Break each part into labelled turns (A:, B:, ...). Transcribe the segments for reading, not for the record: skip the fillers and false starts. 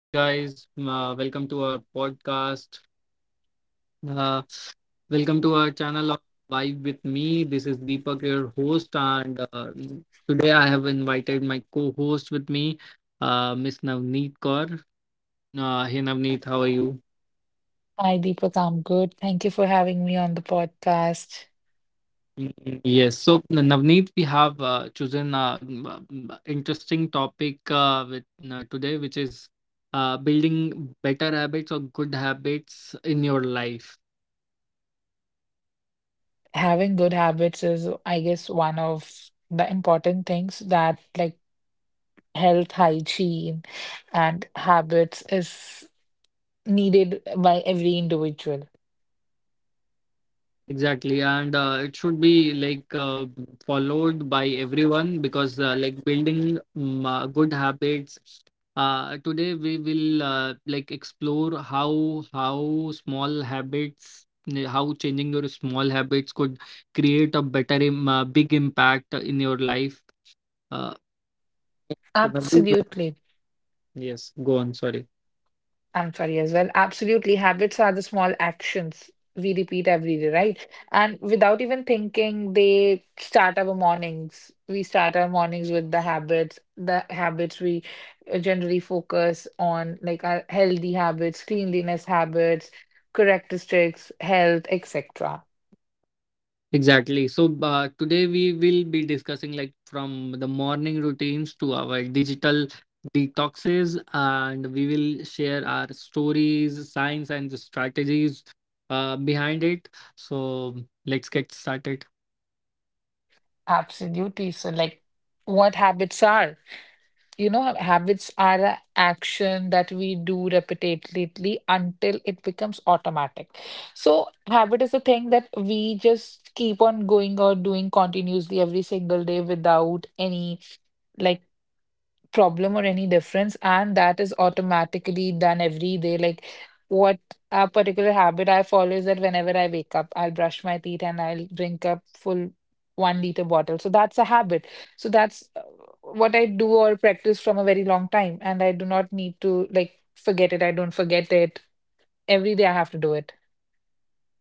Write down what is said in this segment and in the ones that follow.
A: Hey guys, welcome to our podcast. Uh, Welcome to our channel of Vibe with me. This is Deepak, your host, and today I have invited my co-host with me, Miss Navneet Kaur. Hey Navneet, how are you?
B: Hi, Deepak. I'm good. Thank you for having me on the podcast.
A: Mm, yes, so Navneet, we have chosen an interesting topic with today, which is building better habits or good habits in your life.
B: Having good habits is, I guess, one of the important things that like health, hygiene, and habits is needed by every individual.
A: Exactly, and it should be like followed by everyone because like building good habits. Today we will like explore how small how changing your small habits could create a better Im big impact in your life. Uh, so the big one-
B: Absolutely.
A: yes, go on. Sorry.
B: I'm sorry as well. Absolutely. Habits are the small actions we repeat every day, right? And without even thinking, they start our mornings. We start our mornings with the habits we generally focus on, like our healthy habits, cleanliness habits, correct districts, health, etc.
A: Exactly. So today we will be discussing like from the morning routines to our digital detoxes, and we will share our stories, science, and the strategies behind it. So let's get started.
B: Absolutely. So, like, what habits are? You know, habits are an action that we do repetitively until it becomes automatic. So, habit is a thing that we just keep on going or doing continuously every single day without any like problem or any difference, and that is automatically done every day. Like, what a particular habit I follow is that whenever I wake up, I'll brush my teeth and I'll drink a full 1 liter bottle. So that's a habit. So that's what I do or practice from a very long time, and I do not need to like forget it. I don't forget it. Every day I have to do it.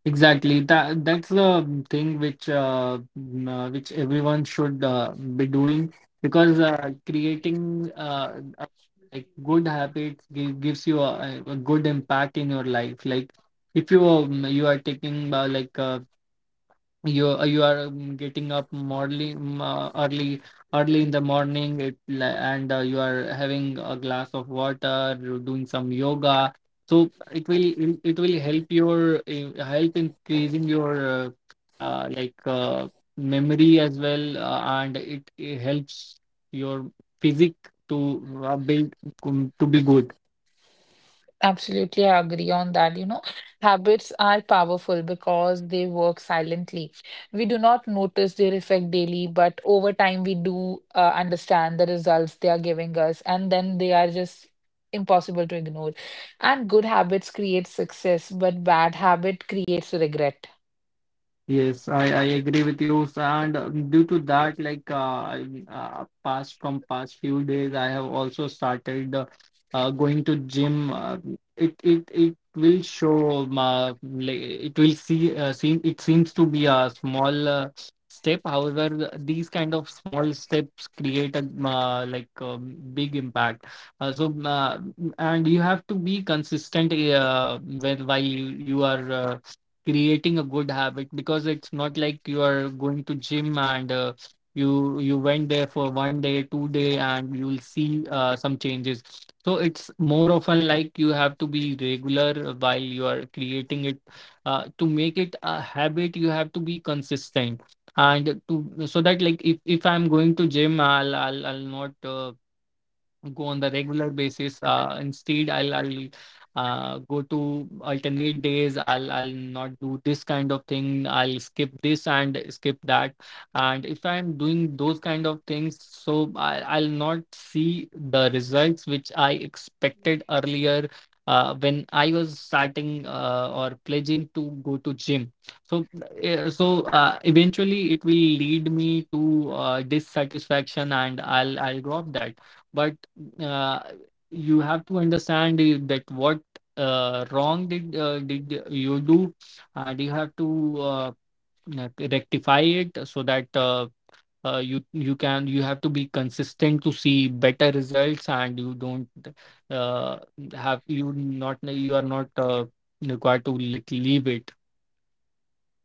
A: Exactly. That's the thing which which everyone should be doing because creating like good habits gives you a good impact in your life. Like if you you are taking you are getting up morely, early early in the morning and you are having a glass of water, you're doing some yoga, so it will help your help increasing your uh, like uh, memory as well, and it helps your physique to build to be good.
B: Absolutely, I agree on that. You know, habits are powerful because they work silently. We do not notice their effect daily, but over time we do understand the results they are giving us, and then they are just impossible to ignore. And good habits create success, but bad habit creates regret.
A: Yes, I agree with you, sir. And due to that, like past from past few days, I have also started going to gym. It will show my like, it will seems to be a small step. However, these kind of small steps create a like a big impact. Uh, so uh, and you have to be consistent when while you are. Creating a good habit, because it's not like you are going to gym and you went there for one day, two day, and you'll see some changes. So it's more often like you have to be regular while you are creating it, to make it a habit you have to be consistent. And to, so that like if I'm going to gym, I'll not go on the regular basis. Instead I'll go to alternate days, i'll not do this kind of thing, I'll skip this and skip that. And if I'm doing those kind of things, so I'll not see the results which I expected earlier, when I was starting or pledging to go to gym. So uh, so uh, eventually it will lead me to dissatisfaction, and i'll drop that. But uh, you have to understand that what wrong did you do, and you have to rectify it, so that you can, you have to be consistent to see better results. And you don't uh, have, you not you are not required to like leave it.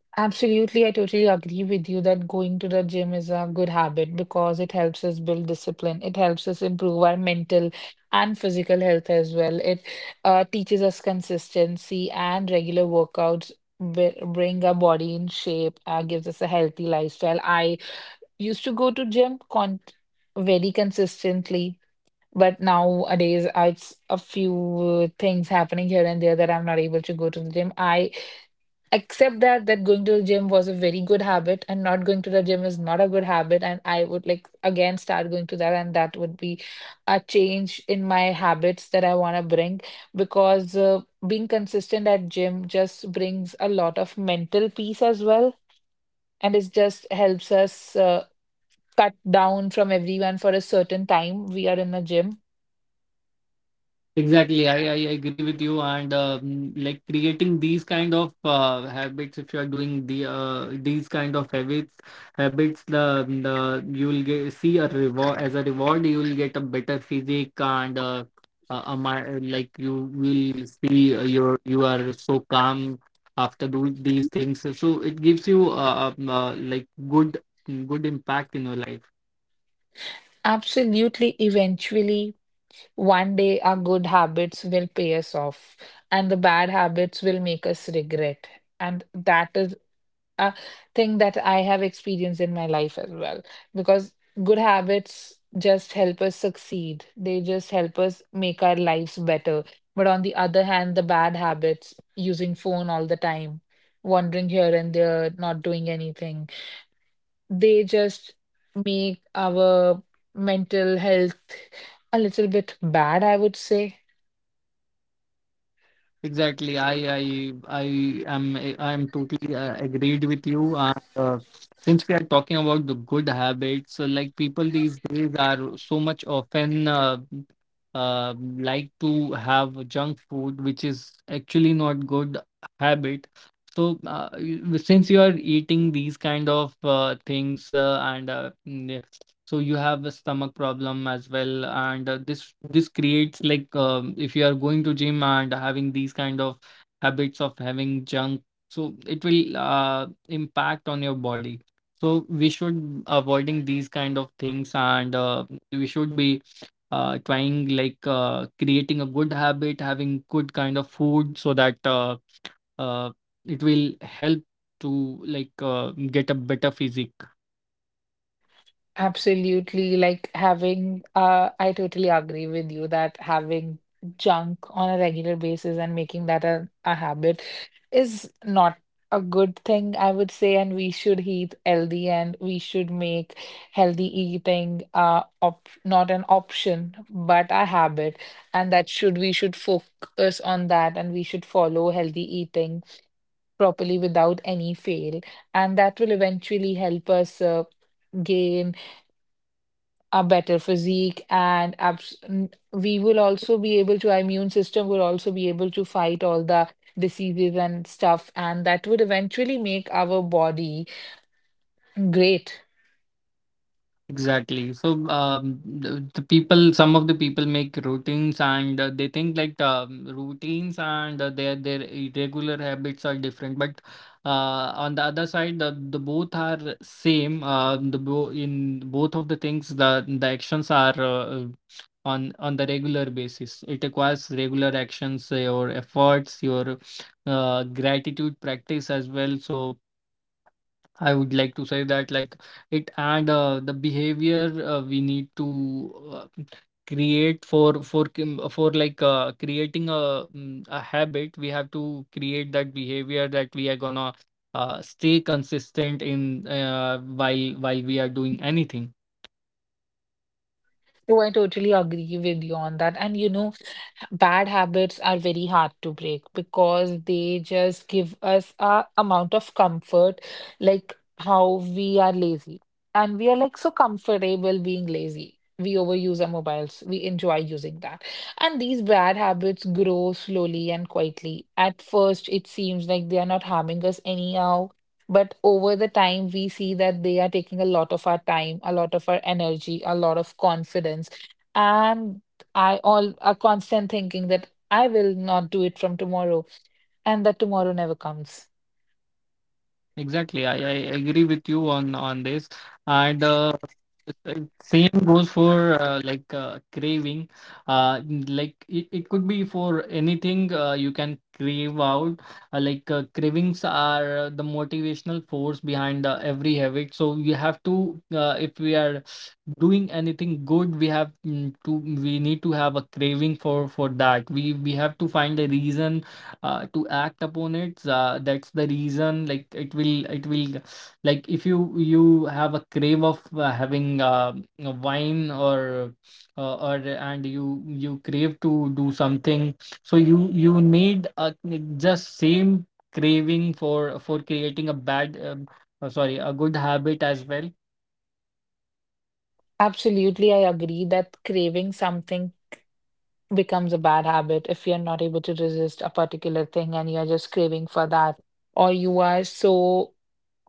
B: Absolutely, I totally agree with you that going to the gym is a good habit because it helps us build discipline. It helps us improve our mental and physical health as well. It teaches us consistency, and regular workouts bring our body in shape, gives us a healthy lifestyle. I used to go to gym con very consistently, but nowadays it's a few things happening here and there that I'm not able to go to the gym. I except that that going to the gym was a very good habit, and not going to the gym is not a good habit, and I would like again start going to that, and that would be a change in my habits that I want to bring, because being consistent at gym just brings a lot of mental peace as well, and it just helps us uh, cut down from everyone for a certain time we are in a gym.
A: Exactly, I agree with you. And like creating these kind of habits, if you are doing these kind of habits, habits the you will see a reward, as a reward. You will get a better physique, and like you will see you are so calm after doing these things. So it gives you like good impact in your life.
B: Absolutely. Eventually one day our good habits will pay us off, and the bad habits will make us regret. And that is a thing that I have experienced in my life as well, because good habits just help us succeed. They just help us make our lives better. But on the other hand, the bad habits, using phone all the time, wandering here and there, not doing anything, they just make our mental health a little bit bad, I would say.
A: Exactly. I am totally agreed with you. And since we are talking about the good habits, so like people these days are so much often like to have junk food, which is actually not good habit. So since you are eating these kind of things, so you have a stomach problem as well. And this creates like, if you are going to gym and having these kind of habits of having junk, so it will impact on your body. So we should avoiding these kind of things, and we should be trying like creating a good habit, having good kind of food, so that uh, it will help to like get a better physique.
B: Absolutely. I totally agree with you that having junk on a regular basis and making that a habit is not a good thing, I would say. And we should eat healthy, and we should make healthy eating op not an option, but a habit. And that should, we should focus on that, and we should follow healthy eating properly without any fail. And that will eventually help us gain a better physique, and we will also be able to, our immune system will also be able to fight all the diseases and stuff, and that would eventually make our body great.
A: Exactly. So, the people, some of the people make routines, and they think like routines and their irregular habits are different. But on the other side, the both are same. The bo In both of the things, the actions are on the regular basis. It requires regular actions, your efforts, your gratitude practice as well. So, I would like to say that like it and the behavior we need to uh, create for for like creating a a habit, we have to create that behavior, that we are gonna stay consistent in, while we are doing anything.
B: So I totally agree with you on that. And you know, bad habits are very hard to break because they just give us a amount of comfort, like how we are lazy. And we are like so comfortable being lazy. We overuse our mobiles. We enjoy using that. And these bad habits grow slowly and quietly. At first, it seems like they are not harming us anyhow. But over the time, we see that they are taking a lot of our time, a lot of our energy, a lot of confidence. And I all a constant thinking that I will not do it from tomorrow, and that tomorrow never comes.
A: Exactly. I agree with you on this. And same goes for craving. Like it could be for anything, you can crave out. Cravings are the motivational force behind every habit. So we have to, if we are doing anything good, we have mm, to we need to have a craving for that. We have to find a reason to act upon it. That's the reason, like it will, like if you have a crave of having a wine, or and you crave to do something, so you need a, just same craving for creating a bad sorry a good habit as well.
B: Absolutely, I agree that craving something becomes a bad habit if you're not able to resist a particular thing and you're just craving for that, or you are so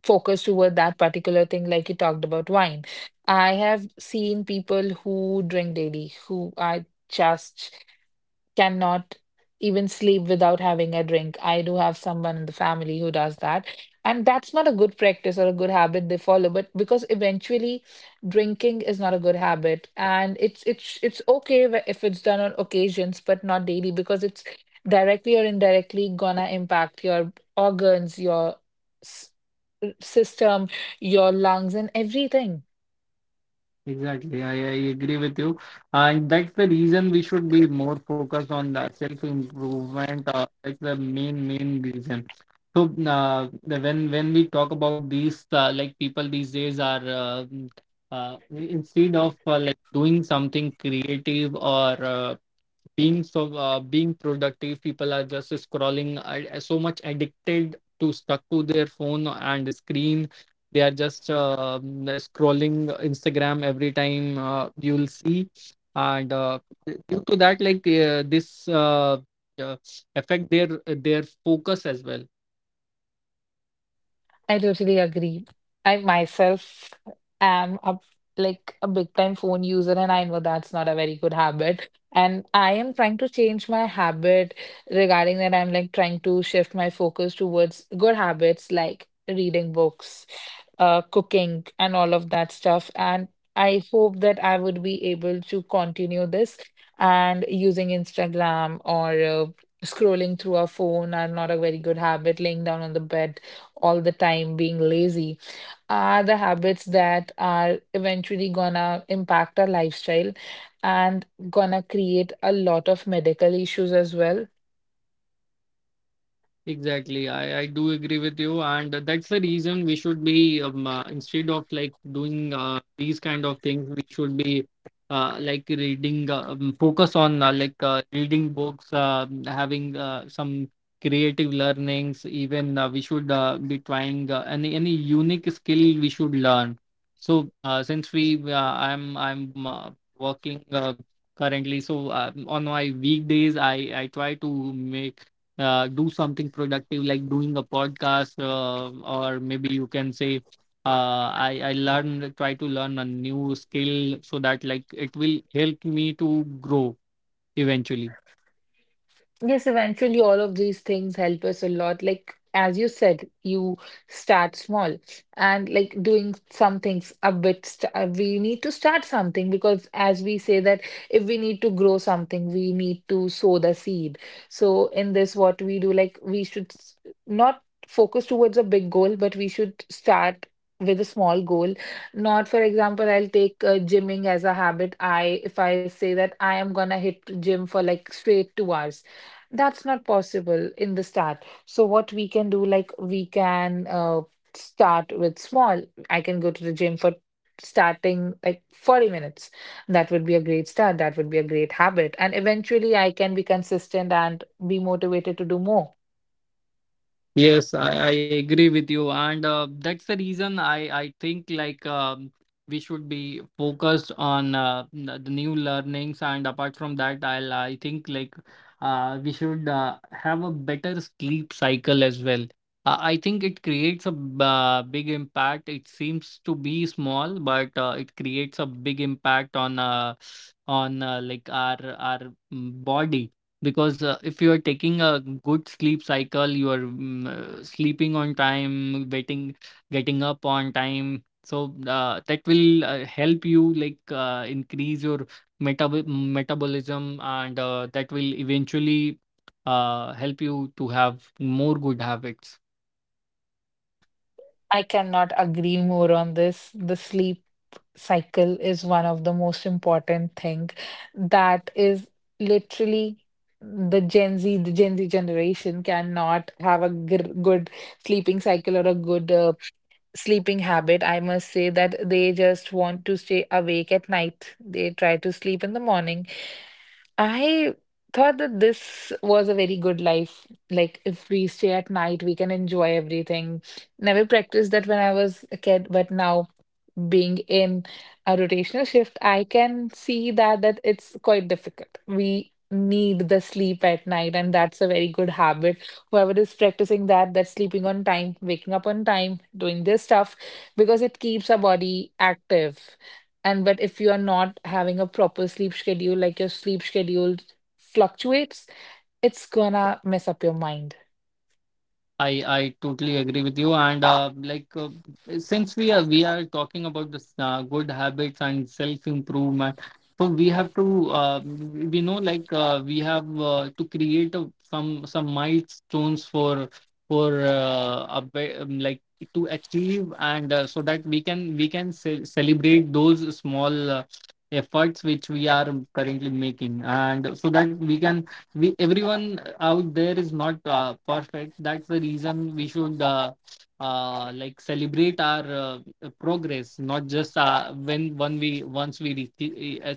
B: focused toward that particular thing, like you talked about wine. I have seen people who drink daily who are just cannot even sleep without having a drink. I do have someone in the family who does that. And that's not a good practice or a good habit they follow, but because eventually drinking is not a good habit. And it's okay if it's done on occasions, but not daily, because it's directly or indirectly gonna impact your organs, your s- system, your lungs, and everything.
A: Exactly, I agree with you. And that's the reason we should be more focused on the self-improvement. That's the main reason. So when we talk about these, like people these days are instead of like doing something creative, or being so being productive, people are just scrolling, so much addicted to stuck to their phone and screen. They are just scrolling Instagram every time, you'll see, and due to that like this uh, affect their focus as well.
B: I totally agree. I myself am a like a big time phone user, and I know that's not a very good habit. And I am trying to change my habit regarding that. I'm like trying to shift my focus towards good habits like reading books, cooking, and all of that stuff. And I hope that I would be able to continue this, and using Instagram or scrolling through our phone are not a very good habit. Laying down on the bed all the time, being lazy, are the habits that are eventually gonna impact our lifestyle and gonna create a lot of medical issues as well.
A: Exactly. I do agree with you. And that's the reason we should be, instead of like doing these kind of things, we should be like reading, focus on like reading books, having some creative learnings. Even we should be trying any unique skill we should learn. So since we, I'm working currently, so on my weekdays, I try to make do something productive, like doing a podcast, or maybe you can say I learn, try to learn a new skill, so that like it will help me to grow eventually.
B: Yes, eventually all of these things help us a lot. Like as you said, you start small and like doing some things a bit. St We need to start something, because as we say that if we need to grow something, we need to sow the seed. So in this, what we do, like we should not focus towards a big goal, but we should start with a small goal. Not, for example, I'll take gymming as a habit. I, if I say that I am gonna hit gym for like straight 2 hours, that's not possible in the start. So what we can do, like we can start with small. I can go to the gym for starting like 40 minutes. That would be a great start. That would be a great habit. And eventually I can be consistent and be motivated to do more.
C: Yes, I agree with you, and that's the reason I think like we should be focused on the new learnings, and apart from that, I think like we should have a better sleep cycle as well. I think it creates a big impact. It seems to be small, but it creates a big impact on like our body because if you are taking a good sleep cycle you are sleeping on time getting up on time so that will help you like increase your metabolism and that will eventually help you to have more good habits.
B: I cannot agree more on this. The sleep cycle is one of the most important thing that is literally, the Gen Z generation cannot have a good sleeping cycle or a good sleeping habit. I must say that they just want to stay awake at night. They try to sleep in the morning. I thought that this was a very good life. Like, if we stay at night, we can enjoy everything. Never practiced that when I was a kid, but now being in a rotational shift, I can see that it's quite difficult. We need the sleep at night, and that's a very good habit. Whoever is practicing that, that's sleeping on time, waking up on time, doing this stuff, because it keeps our body active. And but if you are not having a proper sleep schedule, like your sleep schedule fluctuates, it's gonna mess up your mind.
C: I totally agree with you and since we are talking about this good habits and self improvement so we have to we know like we have to create some milestones for like to achieve and so that we can celebrate those small efforts which we are currently making, and so that we can, we, everyone out there is not perfect. That's the reason we should like celebrate our progress, not just when we once we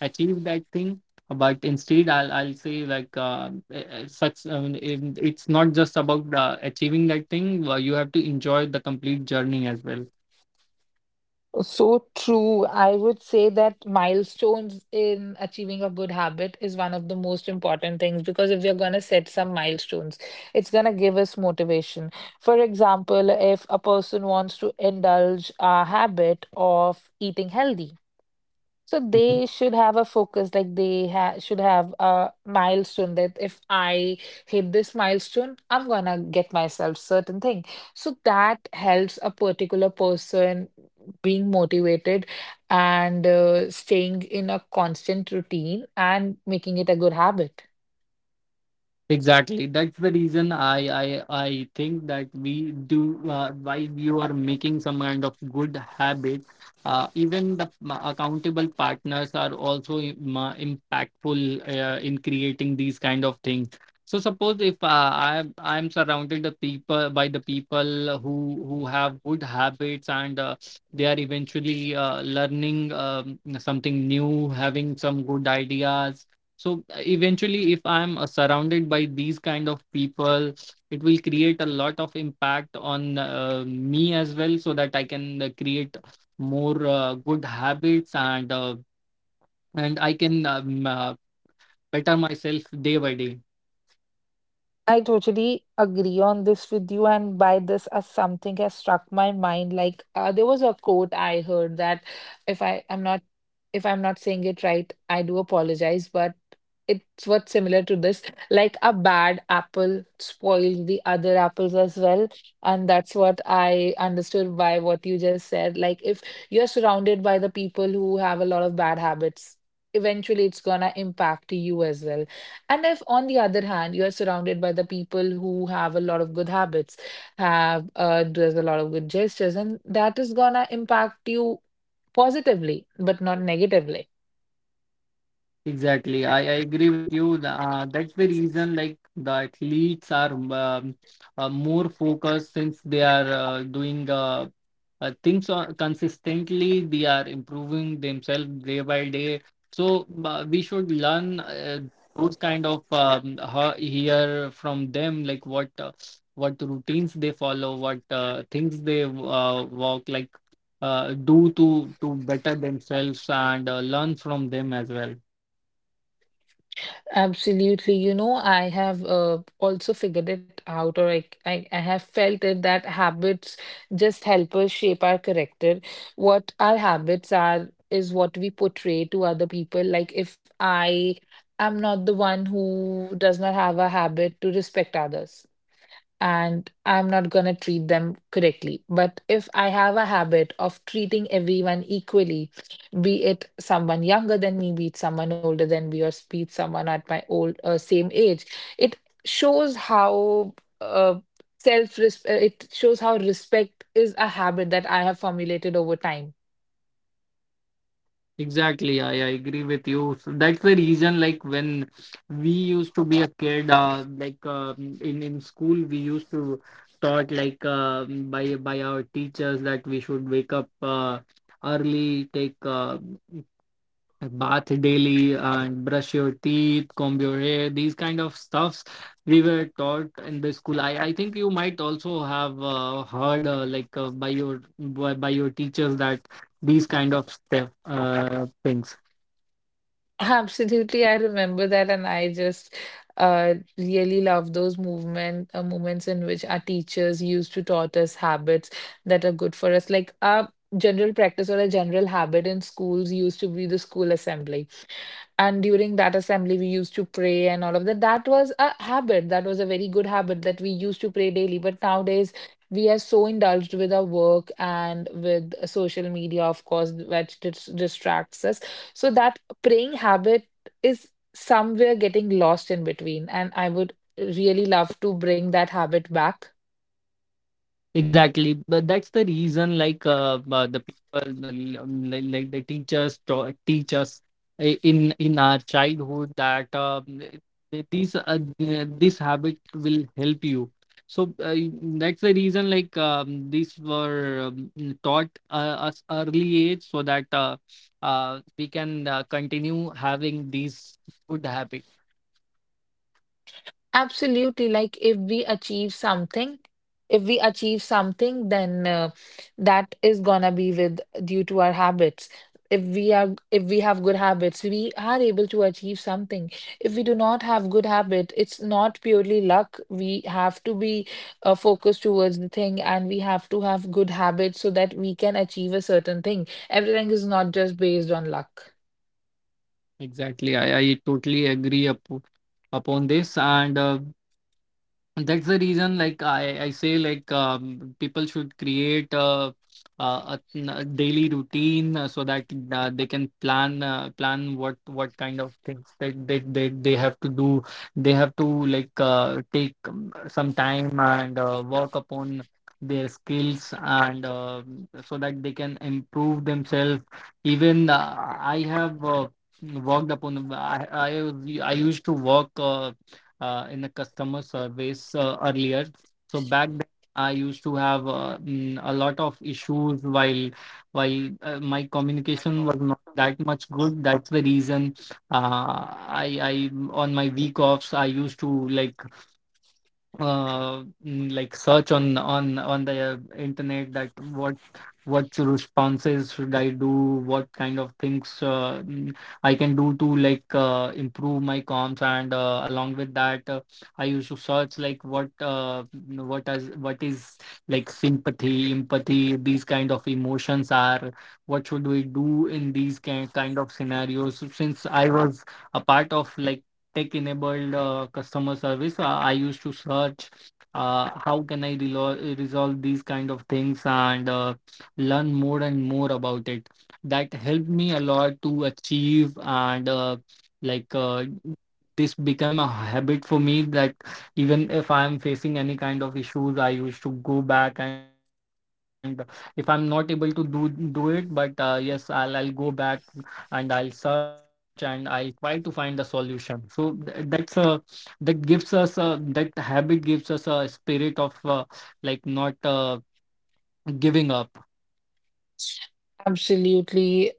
C: achieve that thing, but instead I'll say like it's not just about achieving that thing, you have to enjoy the complete journey as well.
B: So true. I would say that milestones in achieving a good habit is one of the most important things, because if we're going to set some milestones, it's going to give us motivation. For example, if a person wants to indulge a habit of eating healthy, so they should have a focus, like they ha should have a milestone that if I hit this milestone, I'm gonna get myself certain thing. So that helps a particular person being motivated and staying in a constant routine and making it a good habit.
C: Exactly. That's the reason I think that we do, while you are making some kind of good habit, even the accountable partners are also impactful in creating these kind of things. So suppose if I'm surrounded the people by the people who have good habits and they are eventually learning something new, having some good ideas, so eventually if I'm surrounded by these kind of people, it will create a lot of impact on me as well, so that I can create more good habits and I can better myself day by day.
B: I totally agree on this with you, and by this, as something has struck my mind. There was a quote I heard that, if I am not, if I'm not saying it right, I do apologize. But it's what's similar to this, like a bad apple spoiled the other apples as well. And that's what I understood by what you just said. Like if you're surrounded by the people who have a lot of bad habits, eventually it's gonna impact you as well. And if on the other hand you're surrounded by the people who have a lot of good habits, have does a lot of good gestures, and that is gonna impact you positively, but not negatively.
C: Exactly. I agree with you. That's the reason like the athletes are um, more focused since they are doing things on, consistently. They are improving themselves day by day. So we should learn those kind of hear from them like what routines they follow, what things they walk like do to better themselves and learn from them as well.
B: Absolutely. You know, I have also figured it out, or I have felt it that habits just help us shape our character. What our habits are is what we portray to other people. Like, if I am not the one who does not have a habit to respect others, and I'm not going to treat them correctly. But if I have a habit of treating everyone equally, be it someone younger than me, be it someone older than me, or be it someone at my old same age, it shows how uh, self it shows how respect is a habit that I have formulated over time.
C: Exactly, I agree with you. So that's the reason, like when we used to be a kid, in school, we used to taught like by our teachers that we should wake up early, take bath daily, and brush your teeth, comb your hair, these kind of stuffs we were taught in the school. I think you might also have heard by your by your teachers that these kind of stuff things.
B: Absolutely, I remember that, and I just really love those movement moments in which our teachers used to taught us habits that are good for us. Like a general practice or a general habit in schools used to be the school assembly. And during that assembly, we used to pray and all of that. That was a habit. That was a very good habit that we used to pray daily. But nowadays, we are so indulged with our work and with social media, of course, which distracts us. So that praying habit is somewhere getting lost in between. And I would really love to bring that habit back.
C: Exactly, but that's the reason. Like the people, like the teachers to, teach us in our childhood that these this habit will help you. So that's the reason. Like these were taught us early age so that we can continue having these good habit.
B: Absolutely. If we achieve something, then that is gonna be with due to our habits. If we have good habits, we are able to achieve something. If we do not have good habit, it's not purely luck. We have to be focused towards the thing, and we have to have good habits so that we can achieve a certain thing. Everything is not just based on luck.
C: Exactly, I totally agree up upon this and and that's the reason like I say like people should create a, a daily routine so that they can plan plan what kind of things that they have to do, they have to like take some time and work upon their skills and so that they can improve themselves, even I have worked upon. I used to work in the customer service earlier. So back then, I used to have a lot of issues while my communication was not that much good. That's the reason I on my week offs I used to like like search on on the internet that what responses should I do, what kind of things I can do to like improve my comms, and along with that, I used to search like what mm, what is like sympathy, empathy, these kind of emotions are. What should we do in these kind of scenarios? So since I was a part of like tech-enabled customer service. I used to search how can I resolve these kind of things and learn more and more about it. That helped me a lot to achieve and like uh, this became a habit for me that even if I'm facing any kind of issues, I used to go back, and if I'm not able to do it, but yes, I'll go back and I'll search and I'll try to find the solution. So that gives us a, that habit gives us a spirit of like not giving up.
B: Absolutely.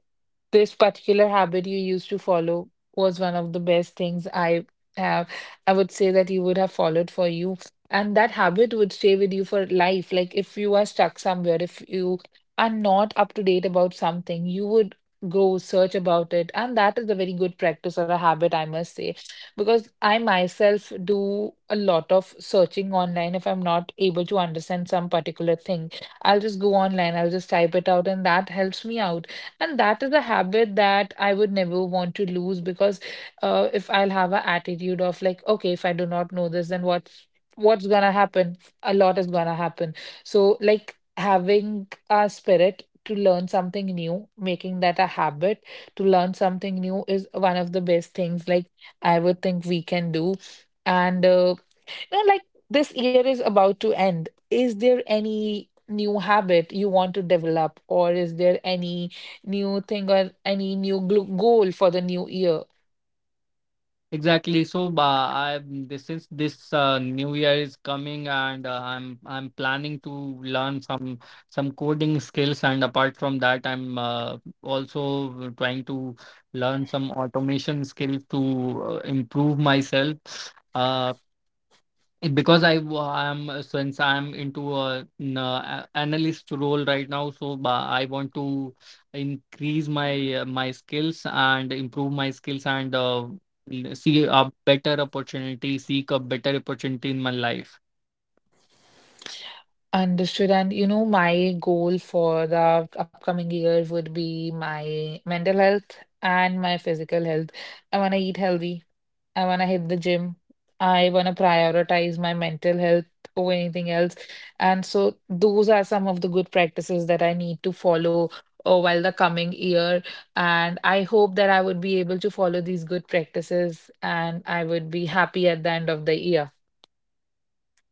B: This particular habit you used to follow was one of the best things I have. I would say that you would have followed for you. And that habit would stay with you for life. Like if you are stuck somewhere, if you are not up to date about something, you would go search about it. And that is a very good practice or a habit, I must say. Because I myself do a lot of searching online if I'm not able to understand some particular thing. I'll just go online, I'll just type it out, and that helps me out. And that is a habit that I would never want to lose because if I'll have an attitude of like, okay, if I do not know this, then what's gonna happen? A lot is gonna happen. So like having a spirit to learn something new, making that a habit to learn something new is one of the best things like I would think we can do. And now, like this year is about to end. Is there any new habit you want to develop, or is there any new thing or any new goal for the new year?
C: Exactly. So, I this since this new year is coming, and I'm planning to learn some coding skills, and apart from that, I'm also trying to learn some automation skills to improve myself. Uh, because I am, since I'm into a, n- a- analyst role right now, so I want to increase my my skills and improve my skills and see a better opportunity, seek a better opportunity in my life.
B: Understood. And you know, my goal for the upcoming year would be my mental health and my physical health. I want to eat healthy. I want to hit the gym. I want to prioritize my mental health over anything else. And so, those are some of the good practices that I need to follow while the coming year. And I hope that I would be able to follow these good practices and I would be happy at the end of the year.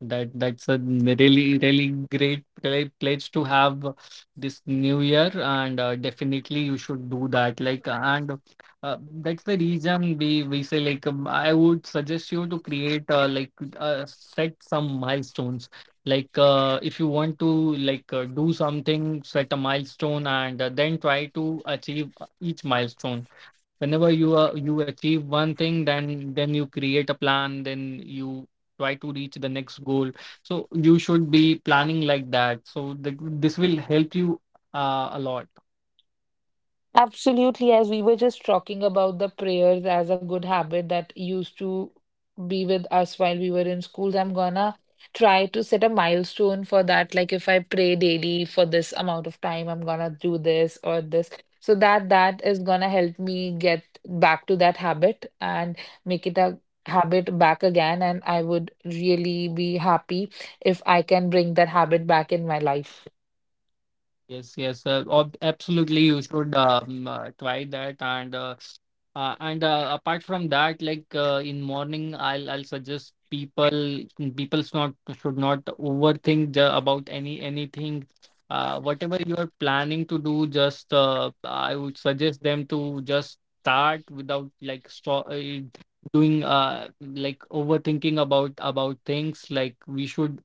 C: That that's a really really great pledge to have this new year, and definitely you should do that. Like, and that's the reason we say like I would suggest you to create set some milestones. Like, if you want to like do something, set a milestone, and then try to achieve each milestone. Whenever you you achieve one thing, then you create a plan, then you try to reach the next goal. So you should be planning like that, so this will help you a lot.
B: Absolutely, as we were just talking about the prayers as a good habit that used to be with us while we were in schools, I'm gonna try to set a milestone for that. Like if I pray daily for this amount of time, I'm gonna do this or this. So that that is gonna help me get back to that habit and make it a habit back again. And I would really be happy if I can bring that habit back in my life.
C: Yes, yes, absolutely. You should try that, and apart from that, like in morning, I'll suggest people, people's not should not overthink about anything. Whatever you are planning to do, just I would suggest them to just start without like doing like overthinking about things. Like we should.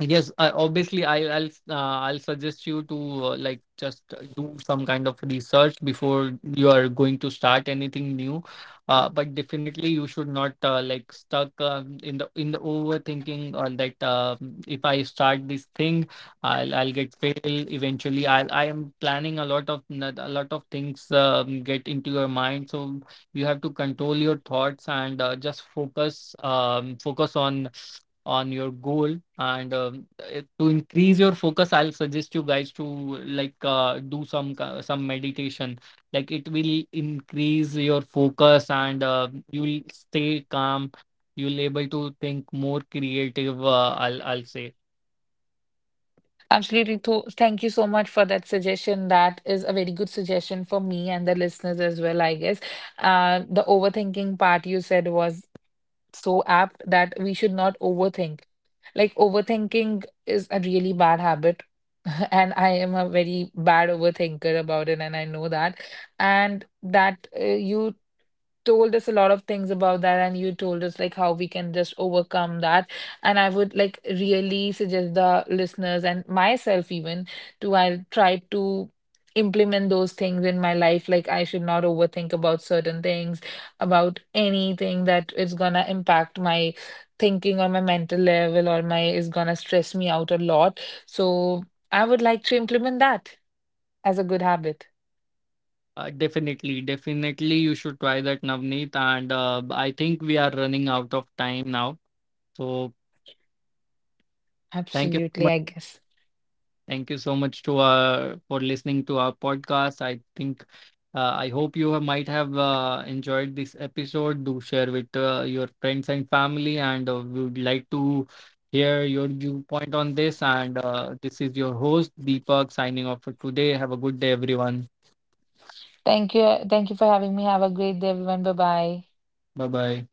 C: Yes, I, obviously, I'll suggest you to like just do some kind of research before you are going to start anything new. But definitely, you should not like stuck in the overthinking, or that, if I start this thing, I'll get fail eventually. I am planning a lot of a lot of things get into your mind, so you have to control your thoughts and just focus on your goal, and to increase your focus, I'll suggest you guys to like do some meditation. Like, it will increase your focus and you'll stay calm, you'll able to think more creative, I'll say.
B: Absolutely. Thank you so much for that suggestion. That is a very good suggestion for me and the listeners as well, I guess. The overthinking part you said was so apt that we should not overthink. Like, overthinking is a really bad habit. And I am a very bad overthinker about it, and I know that. And that you told us a lot of things about that and you told us like how we can just overcome that, and I would like really suggest the listeners and myself even to I'll try to implement those things in my life, like I should not overthink about certain things, about anything that is gonna impact my thinking or my mental level or my is gonna stress me out a lot. So I would like to implement that as a good habit.
C: Definitely, definitely you should try that, Navneet, and I think we are running out of time now. So thank you so
B: Absolutely,
C: much.
B: I guess.
C: Thank you so much to for listening to our podcast. I think I hope you have, might have enjoyed this episode. Do share with your friends and family, and we would like to hear your viewpoint on this. And this is your host Deepak signing off for today. Have a good day, everyone.
B: Thank you. Thank you for having me. Have a great day, everyone. Bye bye.
C: Bye bye.